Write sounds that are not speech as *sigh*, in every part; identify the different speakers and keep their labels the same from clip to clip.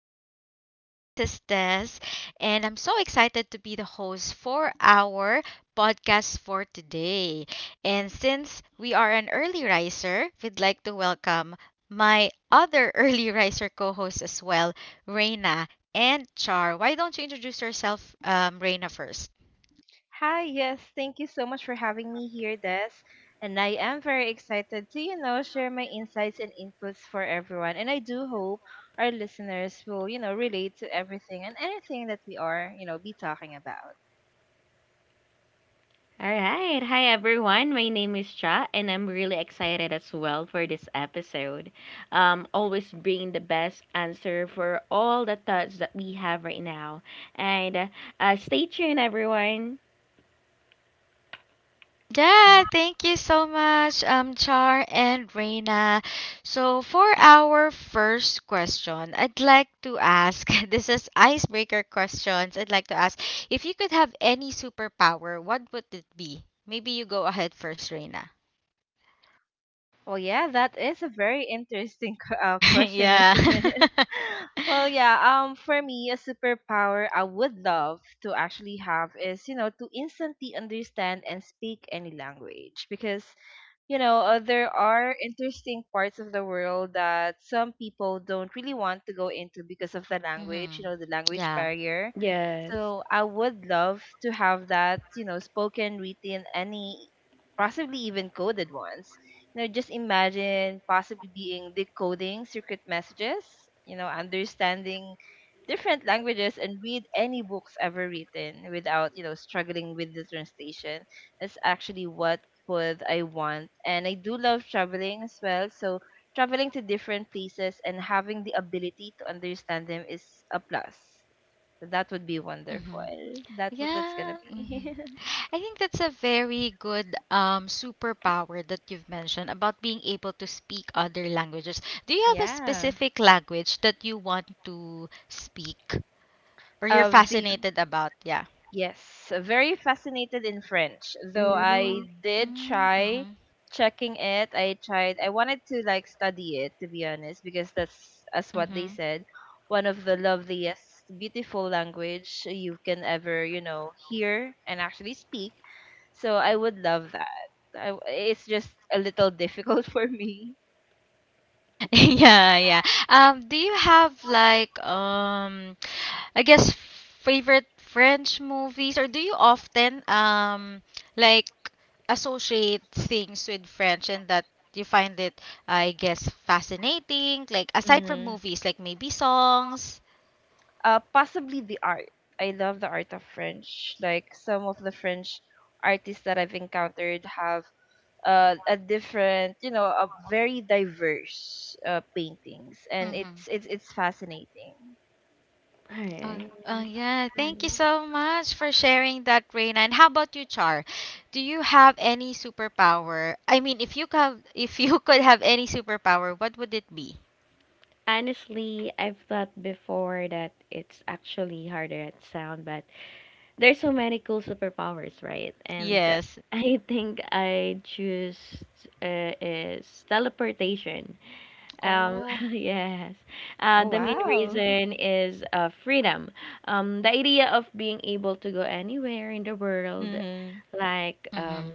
Speaker 1: everyone. This is Tess, and I'm so excited to be the host for our podcast for today. And since we are an early riser, we'd like to welcome my other *laughs* early riser co hosts as well, Reina and Char. Why don't you introduce yourself, Reina, first?
Speaker 2: Hi, yes, thank you so much for having me here, Des. And I am very excited to share my insights and inputs for everyone. And I do hope our listeners will relate to everything and anything that we are be talking about.
Speaker 3: All right. Hi, everyone. My name is Cha, and I'm really excited as well for this episode. Always bring the best answer for all the thoughts that we have right now. And Stay tuned, everyone.
Speaker 1: Yeah, thank you so much, Char and Reina. So, for our first question, I'd like to ask *laughs* this is icebreaker questions. I'd like to ask if you could have any superpower, what would it be? Maybe you go ahead first, Reina.
Speaker 2: Well, yeah, that is a very interesting *laughs*
Speaker 1: *laughs*
Speaker 2: question,
Speaker 1: Yeah.
Speaker 2: isn't it?
Speaker 1: *laughs*
Speaker 2: *laughs* Well, yeah, for me, a superpower I would love to actually have is to instantly understand and speak any language, because there are interesting parts of the world that some people don't really want to go into because of the language, you
Speaker 1: Hmm.
Speaker 2: know, the language
Speaker 1: Yeah.
Speaker 2: barrier.
Speaker 3: Yes.
Speaker 2: So I would love to have that spoken, written, any, possibly even coded ones. Just imagine possibly being decoding secret messages understanding different languages and read any books ever written without struggling with the translation. That's actually what food I want. And I do love traveling as well. So traveling to different places and having the ability to understand them is a plus. That would be wonderful.
Speaker 1: Mm-hmm.
Speaker 2: That's what that's gonna
Speaker 1: Yeah. Mhm.
Speaker 2: be.
Speaker 1: I think that's a very good superpower that you've mentioned about being able to speak other languages. Do
Speaker 2: *laughs*
Speaker 1: you have a
Speaker 2: Yeah.
Speaker 1: specific language that you want to speak or you're
Speaker 2: Of the
Speaker 1: fascinated about? Yeah.
Speaker 2: Yes, very fascinated in French. Though
Speaker 3: Mhm.
Speaker 2: I did try
Speaker 1: Mm-hmm.
Speaker 2: checking it. I wanted to like study it, to be honest, because that's as what they
Speaker 1: Mm-hmm.
Speaker 2: said, one of the loveliest beautiful language you can ever hear and actually speak. So I would love that. It's just a little difficult *laughs* for me.
Speaker 1: *laughs* Yeah, yeah. Do you have like I guess favorite French movies, or do you often like associate things with French, and that you find it, I guess, fascinating, like aside from
Speaker 2: Mm-hmm.
Speaker 1: movies, like maybe songs?
Speaker 2: Possibly the art. I love the art of French. Like some of the French artists that I've encountered have a different, a very diverse, paintings, and
Speaker 1: Mm-hmm.
Speaker 2: it's fascinating.
Speaker 3: All
Speaker 1: Uh,
Speaker 3: right.
Speaker 1: yeah, thank you so much for sharing that, Reina. And how about you, Char? Do you have any superpower? I mean, if you have, *laughs* if you could have any superpower, what would it be?
Speaker 3: Honestly, I've thought before that it's actually harder at sound, but there's so many cool superpowers, right? And
Speaker 1: Yes.
Speaker 3: I think I choose is teleportation. Um,
Speaker 1: Oh.
Speaker 3: *laughs* yes.
Speaker 2: Oh,
Speaker 3: The main
Speaker 2: wow.
Speaker 3: reason is freedom. The idea of being able to go anywhere in the
Speaker 2: *laughs*
Speaker 3: world,
Speaker 2: Mm-hmm.
Speaker 3: like
Speaker 1: Mm-hmm.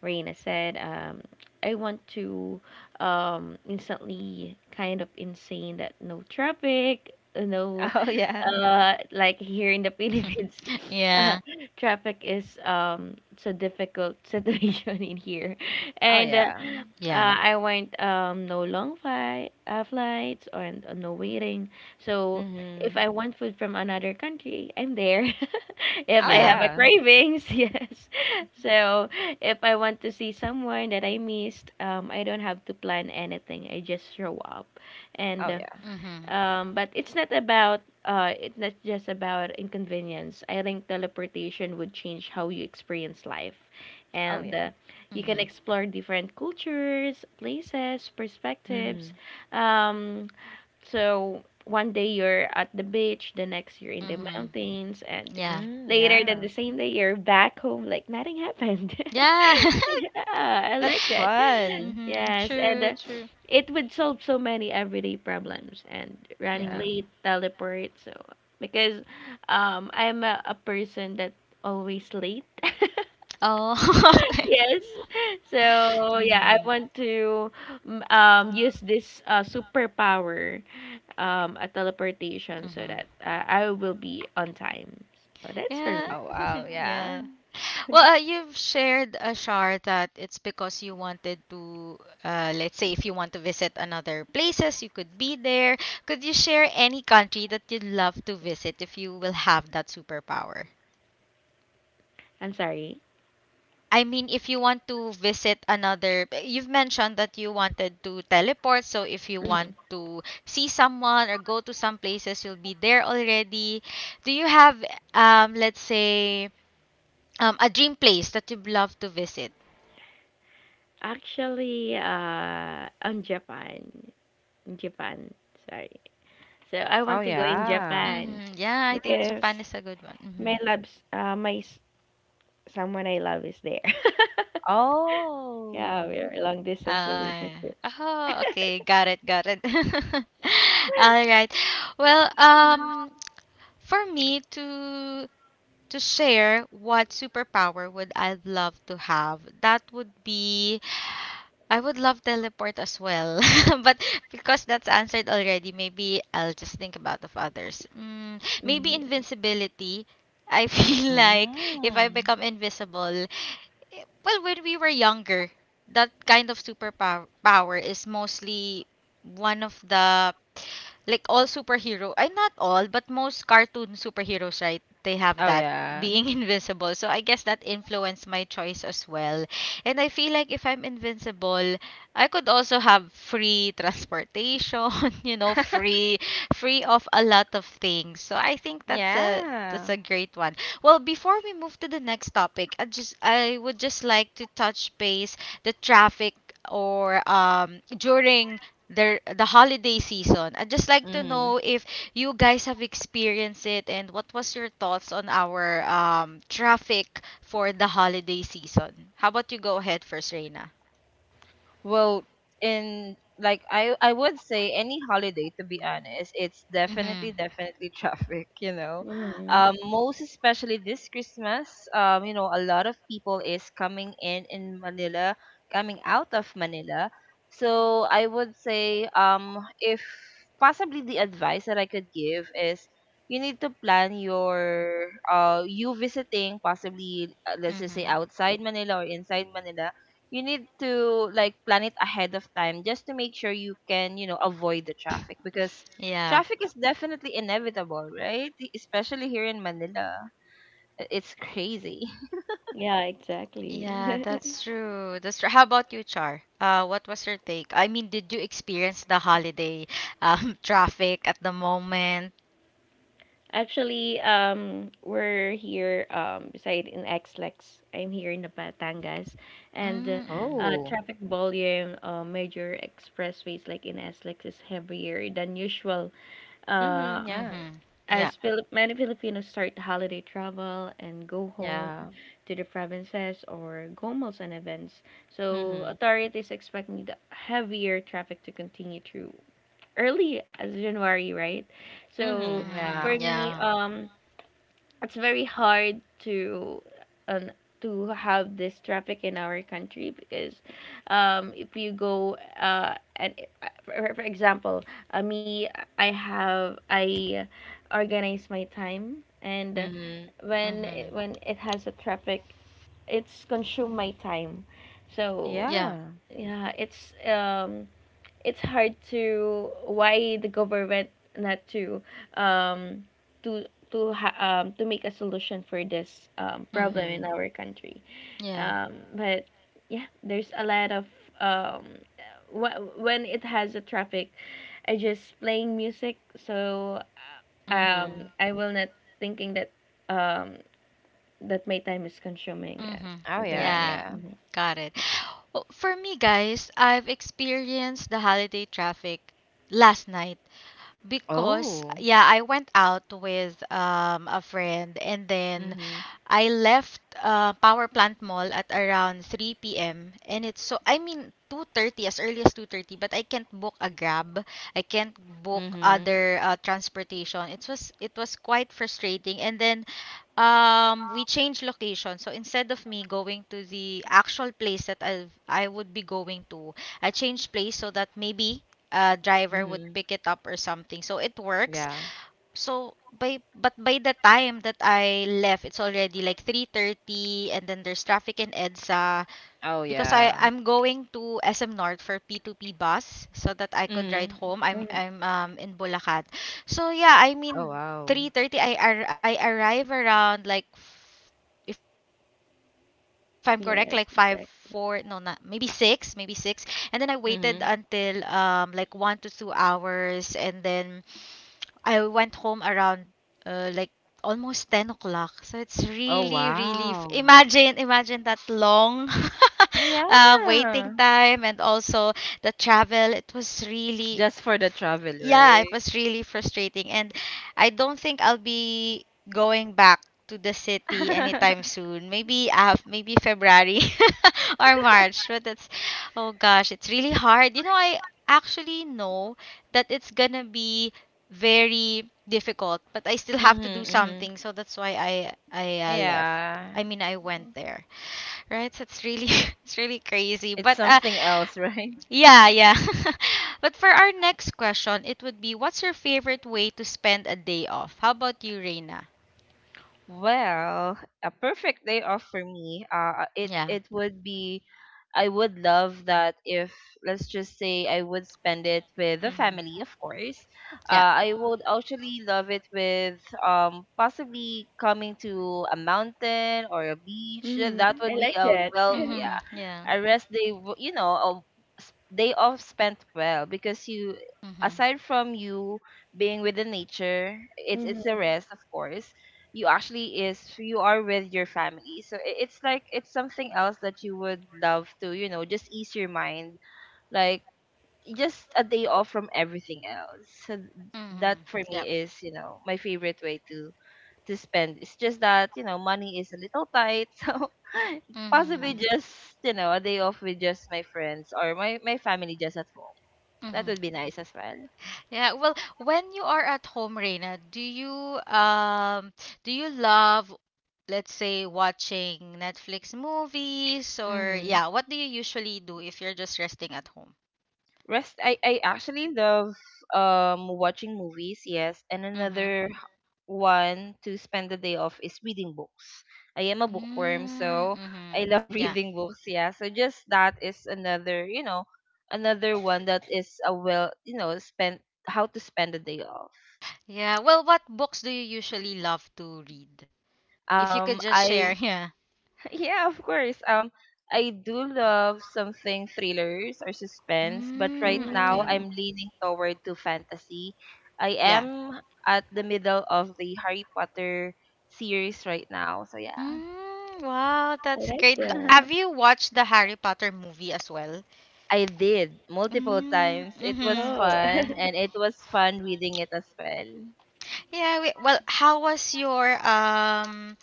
Speaker 3: Reina said, I want to instantly kind of insane that no traffic, no
Speaker 2: Oh, yeah.
Speaker 3: like here in the Philippines
Speaker 1: *laughs*
Speaker 3: *laughs* uh,
Speaker 1: Yeah.
Speaker 3: traffic is it's a difficult *laughs* situation in here
Speaker 2: Oh,
Speaker 3: and
Speaker 2: yeah.
Speaker 1: Yeah.
Speaker 3: I went no long flight flights or and no waiting, so if
Speaker 2: Mm-hmm.
Speaker 3: I want food from another country, I'm there. *laughs* If
Speaker 2: Oh,
Speaker 3: I have
Speaker 1: Yeah.
Speaker 3: a
Speaker 2: yeah.
Speaker 3: cravings, *laughs* yes. So if I want to see someone that I missed, I don't have to plan anything, I just show up. And
Speaker 2: Oh, yeah.
Speaker 1: Mhm.
Speaker 3: But it's not about it's not just about inconvenience. I think teleportation would change how you experience life,
Speaker 2: Oh,
Speaker 3: and
Speaker 2: yeah.
Speaker 3: you can
Speaker 1: Mhm.
Speaker 3: explore different cultures, places, perspectives.
Speaker 2: Mm-hmm.
Speaker 3: Um, so one day you're at the beach, the next you're in the
Speaker 1: Mhm.
Speaker 3: mountains, and
Speaker 1: Yeah.
Speaker 2: Mm,
Speaker 3: later than
Speaker 2: yeah,
Speaker 3: the same day you're back home like nothing happened.
Speaker 1: Yeah.
Speaker 3: *laughs* Yeah, I like
Speaker 2: that's
Speaker 3: that. *laughs*
Speaker 1: *laughs*
Speaker 2: fun.
Speaker 1: Mhm.
Speaker 3: Yes, and
Speaker 1: True. True.
Speaker 3: It would solve so many everyday problems and running
Speaker 2: Yeah.
Speaker 1: Mhm.
Speaker 3: late, teleport. So because I'm a person that always late. *laughs*
Speaker 1: Oh. *laughs* Okay.
Speaker 3: Yes. So yeah, I
Speaker 1: Mhm.
Speaker 3: want to use this superpower, a teleportation, so
Speaker 1: Mhm.
Speaker 3: that I will be on time. So that's for
Speaker 1: Yeah.
Speaker 3: me.
Speaker 2: Oh,
Speaker 1: *laughs*
Speaker 2: wow. Yeah.
Speaker 1: Yeah. Well, you've shared a shar that it's because you wanted to, let's say, if you want to visit another places, you could be there. Could you share any country that you'd love to visit if you will have that superpower?
Speaker 3: I'm sorry.
Speaker 1: I mean, if you want to visit another, you've mentioned that you wanted to teleport. So if you want
Speaker 3: Mhm.
Speaker 1: to see someone or go to some places, you'll be there already. Do you have, let's say, a dream place that you'd love to visit?
Speaker 3: Actually, on Japan. Japan. Sorry. So I
Speaker 2: Oh,
Speaker 3: want to go in
Speaker 2: yeah.
Speaker 3: Japan
Speaker 1: Mm-hmm. Yeah, I think
Speaker 3: because
Speaker 1: Japan is a good one. Mm-hmm.
Speaker 3: my loves, someone I love is there. *laughs* Yeah,
Speaker 2: Oh.
Speaker 3: we're a long distance
Speaker 1: Uh,
Speaker 3: relationship.
Speaker 1: *laughs* oh, okay, got it, got it. *laughs* All
Speaker 3: *laughs*
Speaker 1: right. Well, for me to share what superpower would I love to have, that would be I would love teleport as well. *laughs* But because that's answered already, maybe I'll just think about of others. Maybe
Speaker 3: Mm, yeah.
Speaker 1: invincibility. I *laughs* feel like if I
Speaker 2: Mm.
Speaker 1: become invisible, well, when we were younger, that kind of superpower power is mostly one of the, like, all superhero, I not all but most cartoon superheroes, right? They have
Speaker 2: Oh,
Speaker 1: that
Speaker 2: yeah.
Speaker 1: being *laughs* invincible, so I guess that influenced my choice as well. And I feel like if I'm invincible, I could also have free transportation *laughs* you know
Speaker 2: *laughs*
Speaker 1: free free of a lot of things, so I think that's a
Speaker 2: Yeah.
Speaker 1: great one. Well, before we move to the next topic, I would just like to touch base the traffic, or during the holiday season. I'd just like to
Speaker 2: Hmm.
Speaker 1: know if you guys have experienced it, and what was your thoughts on our traffic for the holiday season. How about you go ahead first, Reina?
Speaker 2: Well, in like I would say any holiday, to be honest, it's definitely
Speaker 1: Mhm.
Speaker 2: definitely *laughs* traffic.
Speaker 3: Mhm.
Speaker 2: Most especially this Christmas, a lot of people is coming in Manila, coming out of Manila. So I would say if, possibly, the advice that I could give is you need to plan your you visiting, possibly, let's just say
Speaker 1: Mhm.
Speaker 2: outside Manila or inside Manila, you need to like plan it ahead of time just to make sure you can avoid the traffic,
Speaker 1: *laughs*
Speaker 2: because
Speaker 1: Yeah.
Speaker 2: traffic is definitely inevitable, right? Especially here in manila, it's crazy. *laughs*
Speaker 3: Yeah,
Speaker 1: Yeah,
Speaker 3: exactly. *laughs*
Speaker 1: that's true. That's true. How about you, Char? What was your take? I mean, did you experience the holiday *laughs* traffic at the moment?
Speaker 3: Actually, we're here beside in Xlex. I'm here in the Batangas, and
Speaker 1: Mm-hmm.
Speaker 2: Oh.
Speaker 3: traffic volume, major expressways like in Xlex is heavier than usual. Uh,
Speaker 2: Mm-hmm. Yeah,
Speaker 1: Mm-hmm. Yeah.
Speaker 3: As Philip, many Filipinos start holiday travel and go home
Speaker 2: yeah.
Speaker 3: to the provinces or go malls and events, so
Speaker 2: Mm-hmm.
Speaker 3: authorities expect the heavier traffic to continue through early as January, right? So
Speaker 2: Hmm. Yeah.
Speaker 3: for
Speaker 1: Mm,
Speaker 3: me,
Speaker 1: yeah.
Speaker 3: it's very hard um, to have this traffic in our country because if you go and for example, me, I organize my time, and
Speaker 2: Hmm.
Speaker 1: Mm-hmm.
Speaker 3: when it has a traffic it's consume my time. So
Speaker 1: Yeah.
Speaker 2: Yeah.
Speaker 3: yeah, it's hard to why the government not to um to to to make a solution for this problem
Speaker 1: Mm-hmm.
Speaker 3: in
Speaker 2: Hmm.
Speaker 3: our country.
Speaker 1: Yeah.
Speaker 3: But yeah, there's a lot of um when it has a traffic, I just playing music. So
Speaker 1: Mm-hmm.
Speaker 2: Hmm.
Speaker 3: I will not thinking that um that my time is consuming. Yeah,
Speaker 1: Mm-hmm.
Speaker 2: Oh,
Speaker 3: something
Speaker 2: yeah,
Speaker 3: like that.
Speaker 1: Yeah.
Speaker 2: yeah.
Speaker 3: Hmm.
Speaker 1: Got it.
Speaker 3: Yeah.
Speaker 1: Well, for me, guys, I've experienced the holiday traffic last night because,
Speaker 2: Oh.
Speaker 1: yeah, I went out with a friend, and then
Speaker 2: Hmm.
Speaker 1: I left Power Plant Mall at around 3 p.m., and it's so I mean 2:30, as early as 2:30, but I can't book a Grab. I can't book
Speaker 2: Hmm.
Speaker 1: other transportation. It was quite frustrating, and then We changed location. So instead of me going to the actual place that I would be going to, I changed place so that maybe a driver would
Speaker 2: Hmm.
Speaker 1: pick it up or something. So it works.
Speaker 2: Yeah.
Speaker 1: So by but by the time that I left, it's already like 3:30, and then there's traffic in EDSA,
Speaker 2: Oh,
Speaker 1: because I
Speaker 2: yeah.
Speaker 1: I'm going to SM North for P2P bus so that I could ride
Speaker 2: Hmm.
Speaker 1: home. I'm
Speaker 3: Hmm.
Speaker 1: I'm um in Bulacan. So yeah, I
Speaker 2: Oh,
Speaker 1: mean
Speaker 2: wow.
Speaker 1: 3:30, I arrive around like if I'm correct like 5 4, no, not
Speaker 3: Yes,
Speaker 1: maybe 6,
Speaker 3: exactly.
Speaker 1: maybe 6, and then I waited until
Speaker 2: Hmm.
Speaker 1: like 1 to 2 hours, and then I went home around like almost 10 o'clock. So it's
Speaker 2: Oh,
Speaker 1: really, really. F-
Speaker 2: wow.
Speaker 1: imagine, imagine that long *laughs*
Speaker 2: Yeah.
Speaker 1: waiting time, and also the travel. It was really.
Speaker 2: Just for the
Speaker 1: fr-
Speaker 2: travel,
Speaker 1: Yeah, it
Speaker 2: right?
Speaker 1: was really frustrating. And I don't think I'll be going back to the
Speaker 2: *laughs*
Speaker 1: city anytime
Speaker 2: Mhm,
Speaker 1: soon. Maybe February *laughs* or March. But it's, oh gosh, it's really hard. I actually know that it's gonna be very difficult, but I still have to do
Speaker 2: mhm.
Speaker 1: something, so that's why I left.
Speaker 2: Yeah.
Speaker 1: I mean, I went there, right? So it's really *laughs* it's really crazy,
Speaker 2: It's
Speaker 1: but
Speaker 2: something else, *laughs* right?
Speaker 1: yeah, yeah. *laughs* But for our next question, it would be, what's your favorite way to spend a day off? How about you, Reina?
Speaker 2: Well, a perfect day off for me. It
Speaker 1: Yeah.
Speaker 2: it would be, I would love that if, let's just say, I would spend it with the
Speaker 1: Mhm.
Speaker 2: family, of course.
Speaker 1: Yeah.
Speaker 2: Uh, I would actually love it with possibly coming to a mountain or a beach.
Speaker 3: Hmm.
Speaker 2: That would
Speaker 3: I
Speaker 2: be
Speaker 3: like
Speaker 2: a
Speaker 3: that.
Speaker 2: well,
Speaker 1: Mhm.
Speaker 2: yeah,
Speaker 3: *laughs*
Speaker 1: Yeah.
Speaker 2: a rest day. A day off spent well, because you
Speaker 1: Mhm.
Speaker 2: aside from you being with the nature, it's a
Speaker 3: Hmm.
Speaker 2: rest. Of course, you actually is you are with your family, so it's like it's something else that you would love to, just ease your mind, like just a day off from everything else, so that
Speaker 1: Mhm.
Speaker 2: for me
Speaker 1: Yep.
Speaker 2: is, my favorite way to spend. It's just that money is a little tight, *laughs* so possibly
Speaker 1: Mhm.
Speaker 2: just a day off with just my friends or my family just at home, that
Speaker 1: Mhm.
Speaker 2: would be nice as well.
Speaker 1: Yeah, well, when you are at home, Reina, do you love, let's say, watching Netflix movies, or
Speaker 2: Mm-hmm.
Speaker 1: yeah, what do you usually do if you're just resting at home?
Speaker 2: Rest. I actually love watching movies. Yes, and
Speaker 1: Mm-hmm.
Speaker 2: another one to spend the day off is reading books. I am a bookworm, so
Speaker 1: Mm-hmm.
Speaker 2: I love *laughs*
Speaker 1: Yeah.
Speaker 2: reading books. Yeah, so just that is another, another one that is a well, spend, how to spend the day off.
Speaker 1: Yeah. Well, what books do you usually love to read? If you could just share, *laughs*
Speaker 2: I
Speaker 1: yeah.
Speaker 2: Yeah, of course. I do love something thrillers or suspense, but right
Speaker 1: Mm,
Speaker 2: now
Speaker 1: okay.
Speaker 3: Mm,
Speaker 2: I'm leaning toward to fantasy. I
Speaker 1: Yeah.
Speaker 2: am at the middle of the Harry Potter series right now, so yeah.
Speaker 1: Mm, wow,
Speaker 3: I
Speaker 1: that's
Speaker 3: like
Speaker 1: great.
Speaker 3: that.
Speaker 1: Have
Speaker 2: *laughs*
Speaker 1: you watched the Harry Potter movie as well?
Speaker 2: I did multiple
Speaker 1: Mm,
Speaker 2: times. It was
Speaker 1: mm-hmm.
Speaker 3: Oh.
Speaker 2: fun,
Speaker 3: *laughs*
Speaker 2: and it was fun reading it as well.
Speaker 1: Yeah, well, how was your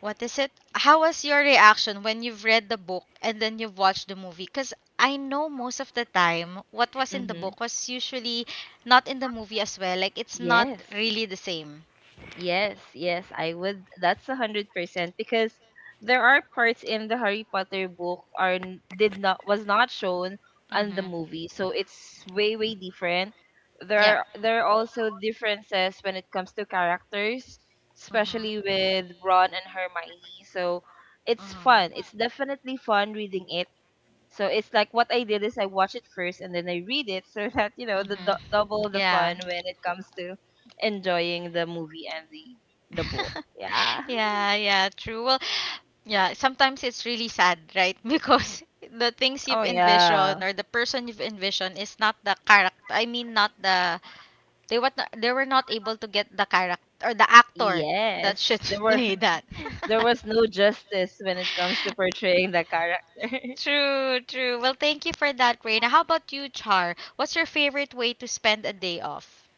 Speaker 1: what is it? How was your reaction when you've read the book and then you've watched the movie? Because I know most of the time what was in the
Speaker 2: Mm-hmm.
Speaker 1: book was usually not in the movie as well. Like, it's not
Speaker 2: Yes.
Speaker 1: really the same.
Speaker 2: Yes, yes, I would. That's 100%, because there are parts in the Harry Potter book are n- did not was not shown on the
Speaker 1: Mm-hmm.
Speaker 2: movie, so it's way way different.
Speaker 1: Yeah.
Speaker 2: There are also differences when it comes to characters, especially
Speaker 1: Mm-hmm.
Speaker 2: with Ron and Hermione. So it's fun.
Speaker 1: Mm-hmm.
Speaker 2: It's definitely fun reading it, so it's like what I did is I watch it first and then I read it, so *laughs* that the
Speaker 1: Mm-hmm.
Speaker 2: double the
Speaker 1: Yeah.
Speaker 2: fun when it comes to enjoying the movie and the book.
Speaker 1: *laughs*
Speaker 2: Yeah. *laughs*
Speaker 1: Yeah, yeah, true. Well, yeah, sometimes it's really sad, right? *laughs* Because the things
Speaker 2: Oh,
Speaker 1: you've
Speaker 2: yeah.
Speaker 1: envisioned or the person you've envisioned is not the character. I mean, not the they what they were not able to get the character or the actor that
Speaker 2: Yes.
Speaker 1: should
Speaker 2: There
Speaker 1: *laughs*
Speaker 2: were
Speaker 1: play that.
Speaker 2: *laughs* there
Speaker 1: *laughs*
Speaker 2: was no justice when it comes to portraying the character. *laughs*
Speaker 1: True, true. Well, thank you for that, Reina. How about you, Char? What's your favorite way to spend a day off?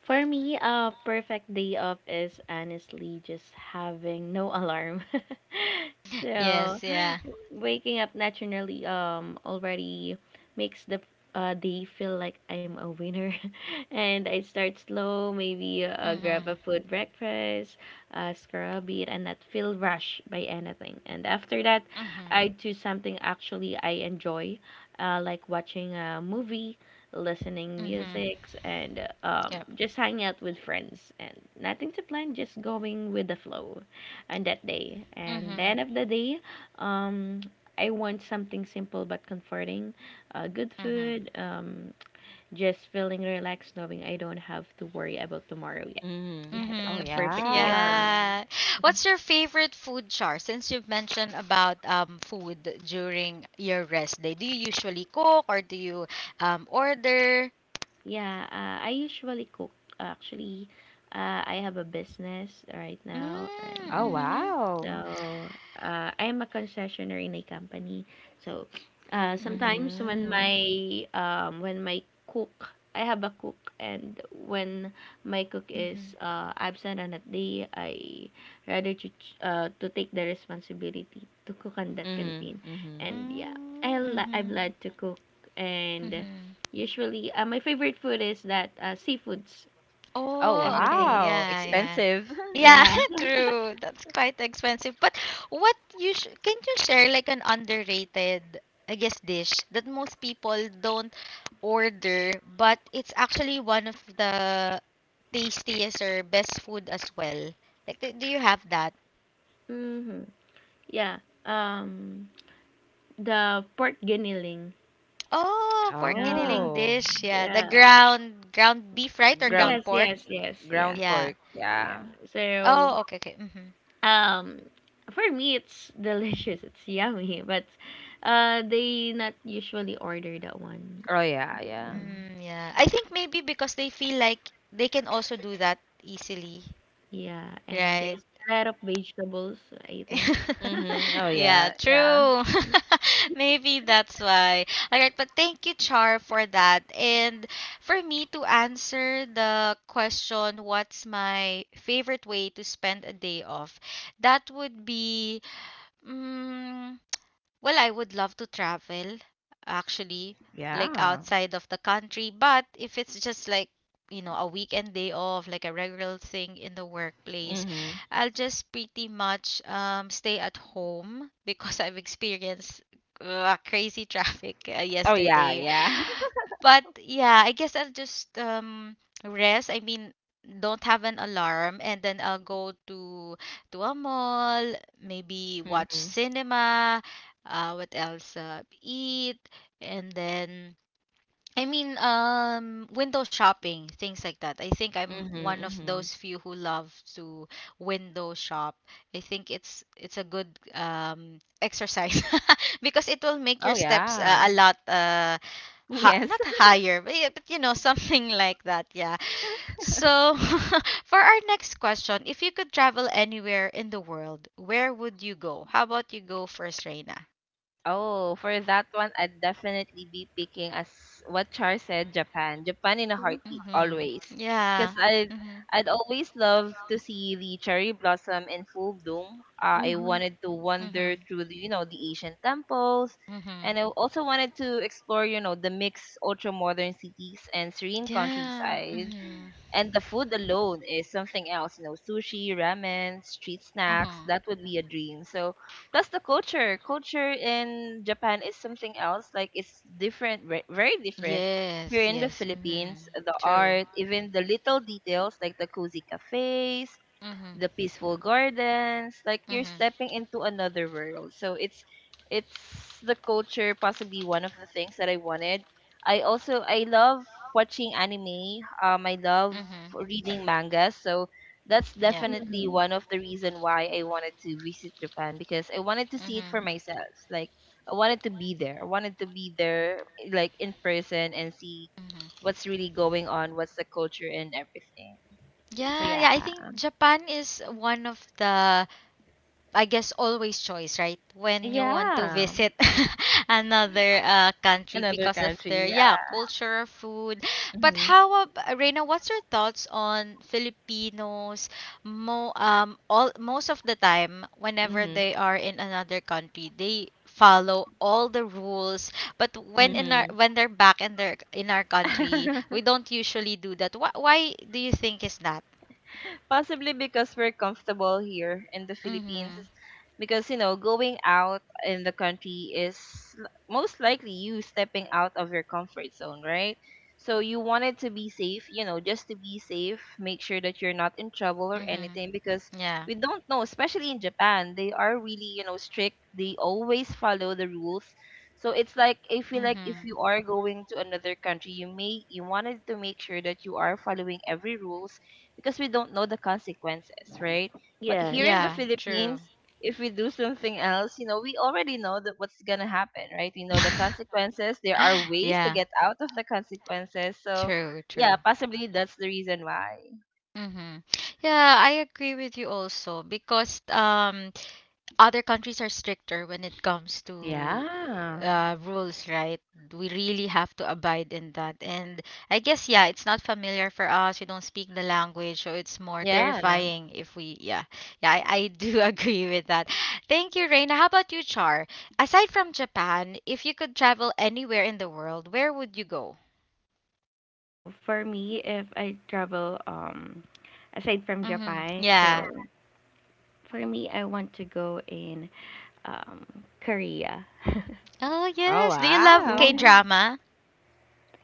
Speaker 3: For me, a perfect day off is honestly just having no alarm. *laughs*
Speaker 1: *laughs*
Speaker 3: So,
Speaker 1: Yes, yeah.
Speaker 3: waking up naturally already makes the day feel like I'm a winner. *laughs* And I start slow, maybe grab a
Speaker 1: Mhm.
Speaker 3: food
Speaker 1: Yeah.
Speaker 3: breakfast, scroll a bit, and not feel rushed by anything. And after that,
Speaker 1: Mhm.
Speaker 3: I do something actually I enjoy, like watching a movie, listening
Speaker 1: Mhm.
Speaker 3: musics, and
Speaker 1: Yep.
Speaker 3: just hanging out with friends, and nothing to plan, just going with the flow on that day. And the
Speaker 1: Mhm.
Speaker 3: end of the day, um, I want something simple but comforting, good
Speaker 1: Mhm.
Speaker 3: food. Just feeling relaxed knowing I don't have to worry about tomorrow yet.
Speaker 2: Mm.
Speaker 3: Yeah,
Speaker 2: Oh,
Speaker 3: that's a
Speaker 1: Mm-hmm. *laughs*
Speaker 3: perfect day for
Speaker 2: yeah.
Speaker 3: me.
Speaker 1: Yeah.
Speaker 3: Mhm.
Speaker 1: What's your favorite food, Char? Since you've mentioned about food during your rest day, do you usually cook, or do you order?
Speaker 3: Yeah, I usually cook actually. I have a business right now.
Speaker 1: Mm-hmm.
Speaker 2: Oh,
Speaker 3: And
Speaker 1: Mm-hmm.
Speaker 2: wow.
Speaker 3: so, I am a concessionaire in a company. So,
Speaker 1: Mm-hmm.
Speaker 3: sometimes when my
Speaker 2: Mhm.
Speaker 3: I have a cook, and when my cook is
Speaker 1: Mm-hmm.
Speaker 3: absent on that day, I rather to to take the responsibility to cook on that
Speaker 2: Mhm.
Speaker 3: canteen.
Speaker 2: Mhm.
Speaker 3: And yeah,
Speaker 1: Mm-hmm.
Speaker 3: I'm glad to cook, and
Speaker 1: Mm-hmm.
Speaker 3: usually my favorite food is that seafoods,
Speaker 2: Oh,
Speaker 1: Oh, okay.
Speaker 3: everything's.
Speaker 2: wow.
Speaker 1: Yeah, yeah.
Speaker 2: Expensive. *laughs*
Speaker 1: Yeah,
Speaker 3: Yeah.
Speaker 1: *laughs* true. That's quite expensive. But what you sh can you share like an underrated, I guess, dish that most people don't order, but it's actually one of the tastiest or best food as well. Like, do you have that?
Speaker 3: Mm-hmm. Yeah. Um. The pork giniling.
Speaker 1: Oh, pork
Speaker 3: Yeah.
Speaker 1: giniling
Speaker 2: Oh.
Speaker 1: dish. Yeah, the
Speaker 3: Yeah.
Speaker 1: ground beef, right? Or
Speaker 2: Ground
Speaker 1: ground
Speaker 3: Yes,
Speaker 1: pork?
Speaker 3: yes, yes. Yeah.
Speaker 2: ground
Speaker 1: Yeah.
Speaker 2: pork.
Speaker 3: Yeah.
Speaker 2: Yeah.
Speaker 3: So,
Speaker 1: Oh, okay, okay. Mm-hmm.
Speaker 3: um for me it's *laughs* delicious. It's yummy, but they not usually order that one.
Speaker 2: Oh, yeah, yeah.
Speaker 3: Mm,
Speaker 1: Mm, yeah. I think maybe because they feel like they can also do that easily,
Speaker 3: yeah, and
Speaker 1: right?
Speaker 3: there's a lot of vegetables, I think.
Speaker 1: *laughs*
Speaker 2: Mhm. Oh,
Speaker 1: Yeah,
Speaker 2: yeah, yeah.
Speaker 1: true. *laughs* Maybe that's why. All right, but thank you, Char, for that. And for me to answer the question, what's my favorite way to spend a day off? That would be, mm well, I would love to travel actually, like
Speaker 2: Yeah.
Speaker 1: outside of the country, but if it's just like, you know, a weekend day off, like a regular thing in the workplace,
Speaker 2: Mhm.
Speaker 1: I'll just pretty much stay at home *laughs* because I've experienced crazy *laughs* traffic
Speaker 2: Oh, yeah,
Speaker 1: yesterday.
Speaker 2: yeah. *laughs*
Speaker 1: But yeah, I guess I'll just rest. I mean, don't have an alarm, and then I'll go to a mall, maybe watch
Speaker 2: Mhm.
Speaker 1: cinema, what else, eat, and then I mean window shopping, things like that. I think I'm
Speaker 2: Mhm.
Speaker 1: one of
Speaker 2: Mhm.
Speaker 1: those few who love to window shop. I think it's a good exercise *laughs* because it will make
Speaker 2: Oh,
Speaker 1: your steps
Speaker 2: yeah.
Speaker 1: a lot
Speaker 2: *laughs* Yes.
Speaker 1: not higher but, yeah, but you know *laughs* something like that, yeah. So *laughs* for our next question, if you could travel anywhere in the world, where would you go? How about you go first, Reina?
Speaker 2: Oh, for that one, I'd definitely be picking, as what Char said, Japan. Japan, in a heartbeat,
Speaker 1: Mhm.
Speaker 2: always. Because
Speaker 1: Yeah.
Speaker 2: I'd,
Speaker 1: Mhm.
Speaker 2: I'd always love to see the cherry blossom in full bloom. I
Speaker 3: Mm-hmm.
Speaker 2: wanted to wander
Speaker 1: Mhm.
Speaker 2: through the ancient temples.
Speaker 1: Mhm.
Speaker 2: And I also wanted to explore, the mixed ultra-modern cities and serene
Speaker 1: Yeah.
Speaker 2: countryside.
Speaker 1: Mhm.
Speaker 2: And the food alone is something else, sushi, ramen, street snacks,
Speaker 1: Mhm.
Speaker 2: that would be a dream. So, plus the culture. Culture in Japan is something else. Like, it's different, very different. Here
Speaker 1: Yes.
Speaker 2: in the
Speaker 1: Yes. Mhm.
Speaker 2: Philippines, the
Speaker 1: True.
Speaker 2: art, even the little details like the cozy cafes,
Speaker 1: Mhm.
Speaker 2: the peaceful gardens, like you're
Speaker 1: Mhm.
Speaker 2: stepping into another world. So it's the culture, possibly one of the things that I wanted. I love watching anime. I love
Speaker 1: Mhm.
Speaker 2: reading mangas, so that's
Speaker 1: Yeah.
Speaker 2: definitely
Speaker 3: Mm.
Speaker 2: one of the reason why I wanted to visit Japan, because I wanted to see it for
Speaker 1: Mhm.
Speaker 2: myself. Like, I wanted to be there. I wanted to be there, like, in person, and see
Speaker 1: Mhm.
Speaker 2: what's really going on, what's the culture and everything. So
Speaker 1: Yeah. Yeah.
Speaker 2: yeah,
Speaker 1: I think Japan is one of the, I guess, always choice, right? When you want to
Speaker 2: yeah.
Speaker 1: visit *laughs* another country
Speaker 2: Another
Speaker 1: because of their,
Speaker 2: country,
Speaker 1: yeah,
Speaker 2: yeah.
Speaker 1: culture, food. But
Speaker 2: Mhm,
Speaker 1: how about Reina? What's your thoughts on Filipinos? Mo all most of the time, whenever
Speaker 2: mhm,
Speaker 1: they are in another country, they follow all the rules. But
Speaker 2: mhm.
Speaker 1: when they're back in our country, we
Speaker 2: *laughs*
Speaker 1: don't usually do that. Why do you think is that?
Speaker 2: Possibly because we're comfortable here in the Philippines.
Speaker 1: Mhm.
Speaker 2: Because, going out in the country is most likely you stepping out of your comfort zone, right? So you wanted to be safe, just to be safe, make sure that you're not in trouble or
Speaker 1: Mhm.
Speaker 2: anything, because
Speaker 1: Yeah.
Speaker 2: we don't know, especially in Japan, they are really, strict. They always follow the rules. So it's like I feel like if
Speaker 1: Mhm.
Speaker 2: you are going to another country, you wanted to make sure that you are following every rules, because we don't know the consequences, right? But here in the
Speaker 3: Yes.
Speaker 1: Yeah,
Speaker 2: Philippines,
Speaker 1: true.
Speaker 2: if we do something else, we already know that what's gonna happen, right? We know the
Speaker 1: *laughs*
Speaker 2: consequences. There are ways to
Speaker 1: Yeah,
Speaker 2: get out of the consequences. So,
Speaker 1: true,
Speaker 2: yeah,
Speaker 1: true.
Speaker 2: possibly that's the reason why.
Speaker 1: Mm-hmm. Yeah, I agree with you also because other countries are stricter when it comes to
Speaker 2: Yeah.
Speaker 1: rules, right? We really have to abide in that. And I guess yeah, it's not familiar for us. We don't speak the language, so it's more
Speaker 2: Yeah.
Speaker 1: terrifying if we yeah. Yeah, I do *laughs* agree with that. Thank you, Reina. How about you, Char? Aside from Japan, if you could travel anywhere in the world, where would you go?
Speaker 3: Oh, for me, if I travel aside from
Speaker 1: Mhm.
Speaker 3: Japan,
Speaker 1: Yeah.
Speaker 3: so for me, I want to go in um, Korea.
Speaker 1: Oh,
Speaker 2: Oh,
Speaker 1: yes. Do you love
Speaker 2: wow.
Speaker 1: K-drama?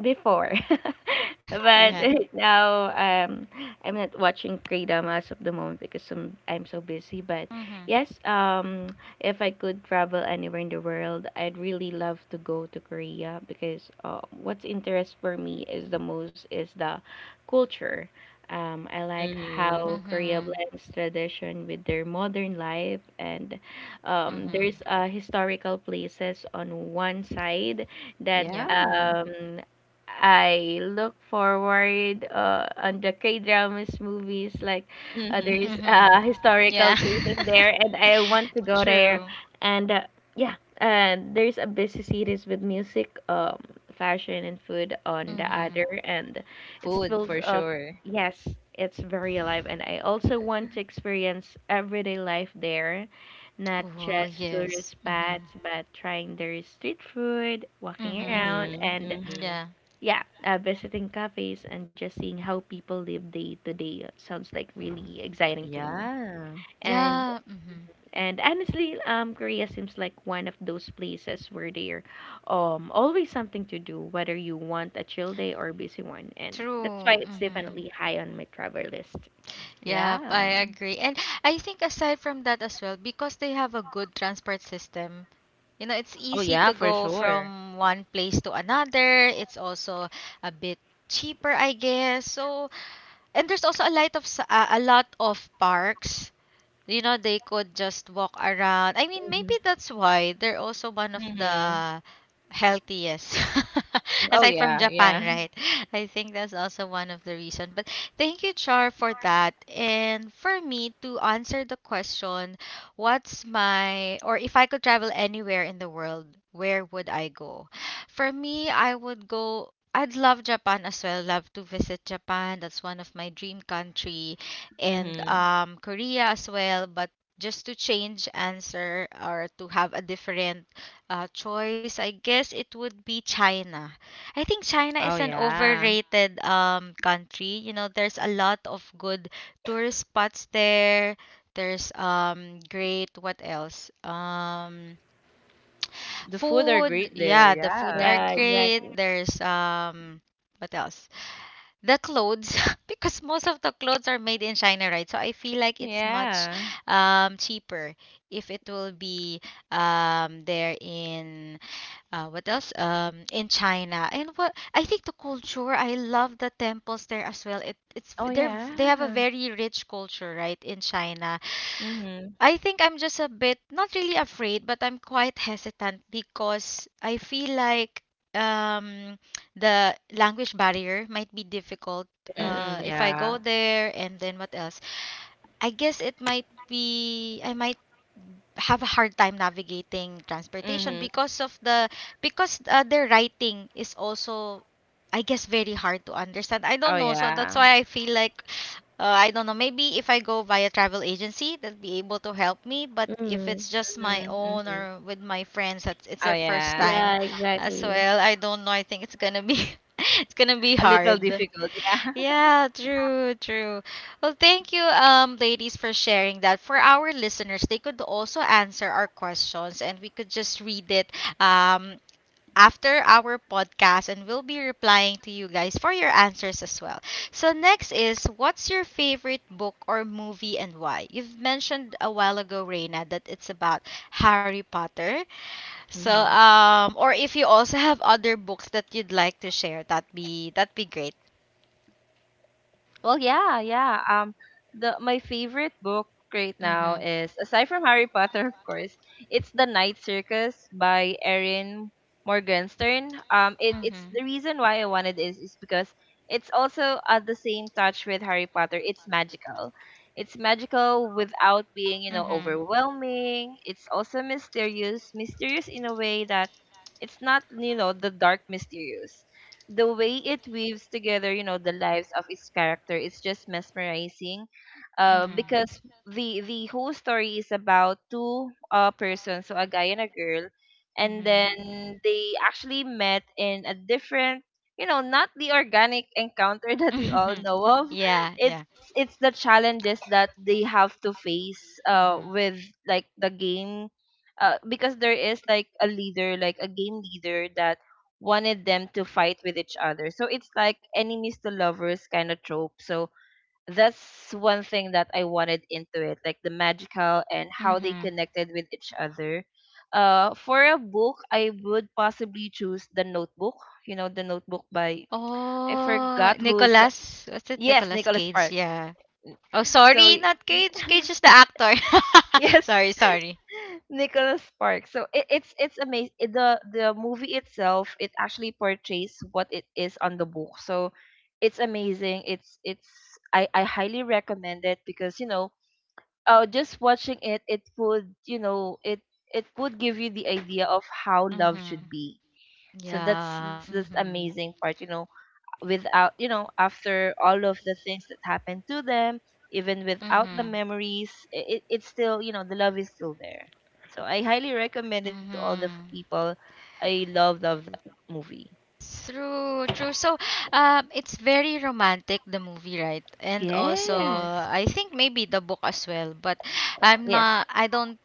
Speaker 3: Before *laughs* but
Speaker 1: Yeah.
Speaker 3: *laughs* now I'm not watching kratom as of the moment because I'm so busy. But
Speaker 1: Mhm.
Speaker 3: yes, if I could travel anywhere in the world, I'd really love to go to Korea because what's interest for me is the most is the culture. I like
Speaker 2: Mm,
Speaker 3: how Korea
Speaker 1: Mhm.
Speaker 3: blends tradition with their modern life, and
Speaker 1: Mhm.
Speaker 3: there's historical places on one side that
Speaker 1: Yep.
Speaker 2: yeah.
Speaker 3: I look forward on the K dramas movies like
Speaker 2: Mm-hmm.
Speaker 3: there's
Speaker 1: Mhm.
Speaker 3: historical
Speaker 1: Yeah. *laughs*
Speaker 3: places there, and I want to go there.
Speaker 1: True.
Speaker 3: And Yeah, and there's a busy series with music, fashion and food on the
Speaker 1: Mhm.
Speaker 3: other, and it
Speaker 2: Food
Speaker 3: feels
Speaker 2: for
Speaker 3: of,
Speaker 2: sure.
Speaker 3: yes, it's very alive. And I also want to experience everyday life there, not
Speaker 1: Oh,
Speaker 3: just tourist
Speaker 1: yes. Mhm.
Speaker 3: spots, but trying their street food, walking
Speaker 1: Mhm.
Speaker 3: around,
Speaker 2: Mm-hmm.
Speaker 3: and
Speaker 2: Mm-hmm.
Speaker 1: Yeah.
Speaker 3: yeah, visiting cafes and just seeing how people live day to day sounds like really exciting to me.
Speaker 2: Yeah.
Speaker 3: And
Speaker 1: Yeah. Mhm.
Speaker 3: and honestly, Korea seems like one of those places where there, always something to do, whether you want a chill day or a busy one. And that's why
Speaker 1: True.
Speaker 3: it's
Speaker 1: Mhm.
Speaker 3: definitely high on my travel list.
Speaker 1: Yep, I
Speaker 2: Yeah.
Speaker 1: agree. And I think aside from that as well, because they have a good transport system, you know, it's
Speaker 2: Oh,
Speaker 1: easy
Speaker 2: yeah,
Speaker 1: to
Speaker 2: for
Speaker 1: go
Speaker 2: sure.
Speaker 1: from one place to another. It's also a bit cheaper, I guess. So, and there's also a lot of parks you know, they could just walk around. I mean, maybe
Speaker 3: Mhm.
Speaker 1: that's why they're also one of
Speaker 2: Mm-hmm.
Speaker 1: the healthiest. *laughs*
Speaker 2: Oh,
Speaker 1: Aside from
Speaker 2: yeah,
Speaker 1: Japan,
Speaker 2: yeah.
Speaker 1: right? I think that's also one of the reason. But thank you, Char, for that. And for me to answer the question, what's my or if I could travel anywhere in the world, where would I go? For me, I would go I'd love Japan as well. Love to visit Japan. That's one of my dream country and
Speaker 2: Mhm.
Speaker 1: um, Korea as well, but just to change answer or to have a different choice, I guess it would be China. I think China
Speaker 2: Oh,
Speaker 1: is an
Speaker 2: yeah.
Speaker 1: overrated country. You know, there's a lot of good tourist spots there. There's great what else?
Speaker 2: The food are
Speaker 1: Food.
Speaker 2: great there.
Speaker 1: Yeah, the food
Speaker 2: Yeah.
Speaker 1: are
Speaker 3: Yeah,
Speaker 1: great.
Speaker 3: exactly.
Speaker 1: There's what else? The clothes, *laughs* because most of the clothes are made in China, right? So I feel like it's much
Speaker 2: Yeah.
Speaker 1: cheaper if it will be there in what else? In China. And what I think the culture, I love the temples there as well. It, it's
Speaker 2: Oh,
Speaker 1: they're they have a
Speaker 2: yeah.
Speaker 1: very rich culture, right, in China.
Speaker 2: Mhm.
Speaker 1: I think I'm just a bit not really afraid, but I'm quite hesitant because I feel like um, the language barrier might be difficult
Speaker 3: Yes.
Speaker 2: Mhm.
Speaker 1: if I go
Speaker 2: Yeah.
Speaker 1: there and then what else? I guess it might be I might have a hard time navigating transportation
Speaker 2: Mhm.
Speaker 1: because of the because their writing is also I guess very hard to understand. I don't
Speaker 2: Oh,
Speaker 1: know, so that's
Speaker 2: yeah.
Speaker 1: why I feel like I don't know. Maybe if I go via travel agency, they'll be able to help me. But if
Speaker 3: Mm.
Speaker 1: it's just my
Speaker 2: Mhm.
Speaker 1: own
Speaker 2: Mhm.
Speaker 1: or with my friends, that's it's
Speaker 2: Oh,
Speaker 1: their first
Speaker 2: yeah.
Speaker 1: time
Speaker 3: Yeah,
Speaker 1: as
Speaker 3: exactly.
Speaker 1: well. I don't know. I think it's gonna be *laughs* it's gonna be
Speaker 2: A little
Speaker 1: hard.
Speaker 2: difficult. Yeah. *laughs*
Speaker 1: Yeah, true, true. Well, thank you, ladies, for sharing that. For our listeners, they could also answer our questions, and we could just read it, um, after our podcast and we'll be replying to you guys for your answers as well. So next is what's your favorite book or movie and why? You've mentioned a while ago, Reina, that it's about Harry Potter. So
Speaker 2: Mhm.
Speaker 1: um or if you also have other books that you'd like to share, that'd be great.
Speaker 2: Well, yeah, yeah. The My favorite book right now
Speaker 1: Mhm.
Speaker 2: is, aside from Harry Potter, *laughs* of course, it's The Night Circus by Erin Morgenstern. It's
Speaker 1: Mhm.
Speaker 2: the reason why I wanted is because it's also at the same touch with Harry Potter. It's magical. It's magical without being,
Speaker 1: Mhm.
Speaker 2: overwhelming. It's also mysterious, mysterious in a way that it's not, the dark mysterious, the way it weaves together, the lives of its character is just mesmerizing.
Speaker 1: Mhm.
Speaker 2: Because the whole story is about two persons, so a guy and a girl, and
Speaker 1: Mhm.
Speaker 2: then they actually met in a different, not the organic encounter *laughs* that we all
Speaker 1: Mhm. *laughs*
Speaker 2: know of.
Speaker 1: Yeah,
Speaker 2: It's
Speaker 1: yeah.
Speaker 2: it's the challenges that they have to face
Speaker 1: Mhm.
Speaker 2: with, like, the game, because there is like a leader, like a game leader, that wanted them to fight with each other. So it's like enemies to lovers kind of trope. So that's one thing that I wanted into it, like the magical and how they
Speaker 1: Mhm.
Speaker 2: connected with each other. For a book, I would possibly choose The Notebook. The Notebook by, I
Speaker 1: Oh,
Speaker 2: forgot who is the,
Speaker 1: Nicholas, what's it?
Speaker 2: yes,
Speaker 1: Nicholas
Speaker 2: Nicholas
Speaker 1: Cage.
Speaker 2: Spark.
Speaker 1: Yeah. Oh,
Speaker 2: So
Speaker 1: sorry, not Cage. Cage is the actor. *laughs*
Speaker 2: yes, *laughs*
Speaker 1: Sorry.
Speaker 2: Nicholas Sparks. So it's amazing. The movie itself, it actually portrays what it is on the book. So it's amazing. It's I highly recommend it, because just watching it, it would, it would give you the idea of how love should
Speaker 1: Mhm.
Speaker 2: be. So that's
Speaker 1: Yeah.
Speaker 2: that's this
Speaker 1: Mhm.
Speaker 2: amazing part. Without, after all of the things that happened to them, even without the
Speaker 1: Mhm.
Speaker 2: memories, it's still, the love is still there. So I highly recommend it to all the
Speaker 1: Mhm.
Speaker 2: people. I love love that movie.
Speaker 1: True, true. So, it's very romantic the movie, right? And also,
Speaker 3: Yes.
Speaker 2: Yes.
Speaker 1: I think maybe the book as well. But I'm
Speaker 2: Yes.
Speaker 1: not. I don't.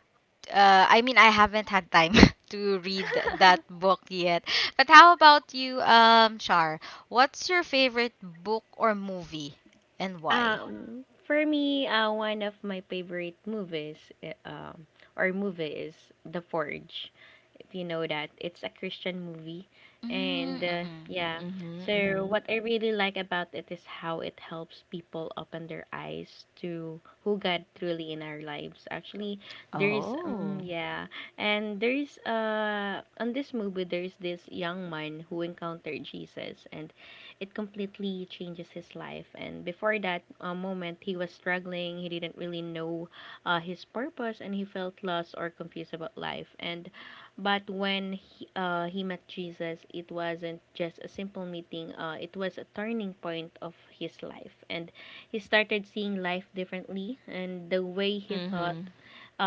Speaker 1: I mean, I haven't had time *laughs* to read that
Speaker 2: *laughs*
Speaker 1: book yet. But how about you, Char? What's your favorite book or movie, and why?
Speaker 3: For me, one of my favorite movies, eh, um, or movie is The Forge. If you know that, it's a Christian movie, and
Speaker 1: Mm-hmm.
Speaker 3: yeah.
Speaker 2: Mhm.
Speaker 3: So
Speaker 2: Mhm.
Speaker 3: what I really like about it is how it helps people open their eyes to who God truly in our lives. Actually, there's
Speaker 2: Oh.
Speaker 3: yeah, and there's on this movie there's this young man who encountered Jesus, and it completely changes his life. And before that moment, he was struggling. He didn't really know his purpose, and he felt lost or confused about life. And but when he met Jesus, it wasn't just a simple meeting. It was a turning point of his life, and he started seeing life differently. And the way he thought,
Speaker 2: Mhm.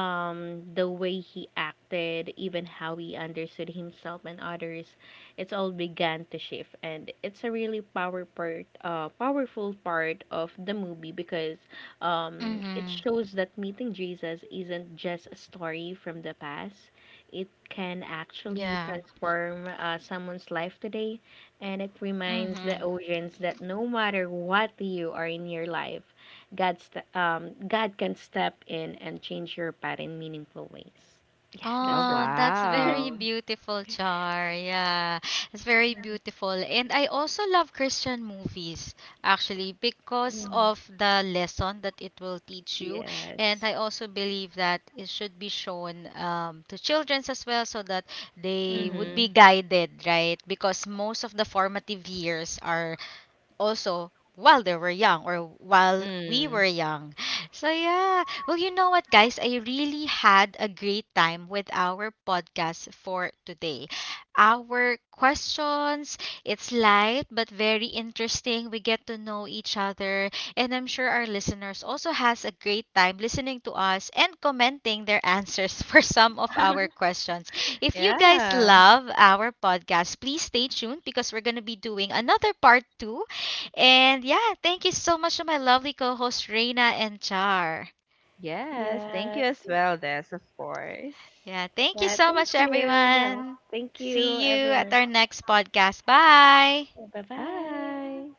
Speaker 3: the way he acted, even how he understood himself and others, it's all began to shift. And it's a really powerful part of the movie because it
Speaker 1: Mm-hmm.
Speaker 3: shows that meeting Jesus isn't just a story from the past. It can actually
Speaker 1: Yeah.
Speaker 3: transform someone's life today, and it reminds the
Speaker 1: Mm-hmm.
Speaker 3: audience that no matter what you are in your life, god's God can step in and change your path in meaningful ways. Yeah,
Speaker 2: Oh,
Speaker 3: that's right.
Speaker 1: Oh, that's very
Speaker 2: wow.
Speaker 1: beautiful, Char. Yeah, it's very beautiful. And I also love Christian movies, actually, because
Speaker 3: Mm.
Speaker 1: of the lesson that it will teach you. And
Speaker 3: Yes.
Speaker 1: I also believe that it should be shown to children as well so that they would
Speaker 3: Mm-hmm.
Speaker 1: be
Speaker 2: Mhm.
Speaker 1: guided, right? Because most of the formative years are also while they were young or while we were
Speaker 2: Mm.
Speaker 1: young. So yeah. Well, you know what guys, I really had a great time with our podcast for today. Our questions, it's light but very interesting. We get to know each other and I'm sure our listeners also has a great time listening to us and commenting their answers *laughs* for some of our questions. If you guys
Speaker 2: Yeah,
Speaker 1: love our podcast, please stay tuned because we're going to be doing another part 2 and yeah, thank you so much to my lovely co host, Reina and Char.
Speaker 2: yes, thank you
Speaker 3: Yeah.
Speaker 2: as well, Des, of course.
Speaker 1: Yeah, thank you
Speaker 3: Yeah.
Speaker 1: so
Speaker 3: Thank
Speaker 1: much,
Speaker 3: you. Yeah.
Speaker 1: everyone.
Speaker 3: Thank you,
Speaker 1: See you at
Speaker 3: everyone.
Speaker 1: our next podcast. Bye.
Speaker 3: Bye bye.
Speaker 2: Bye.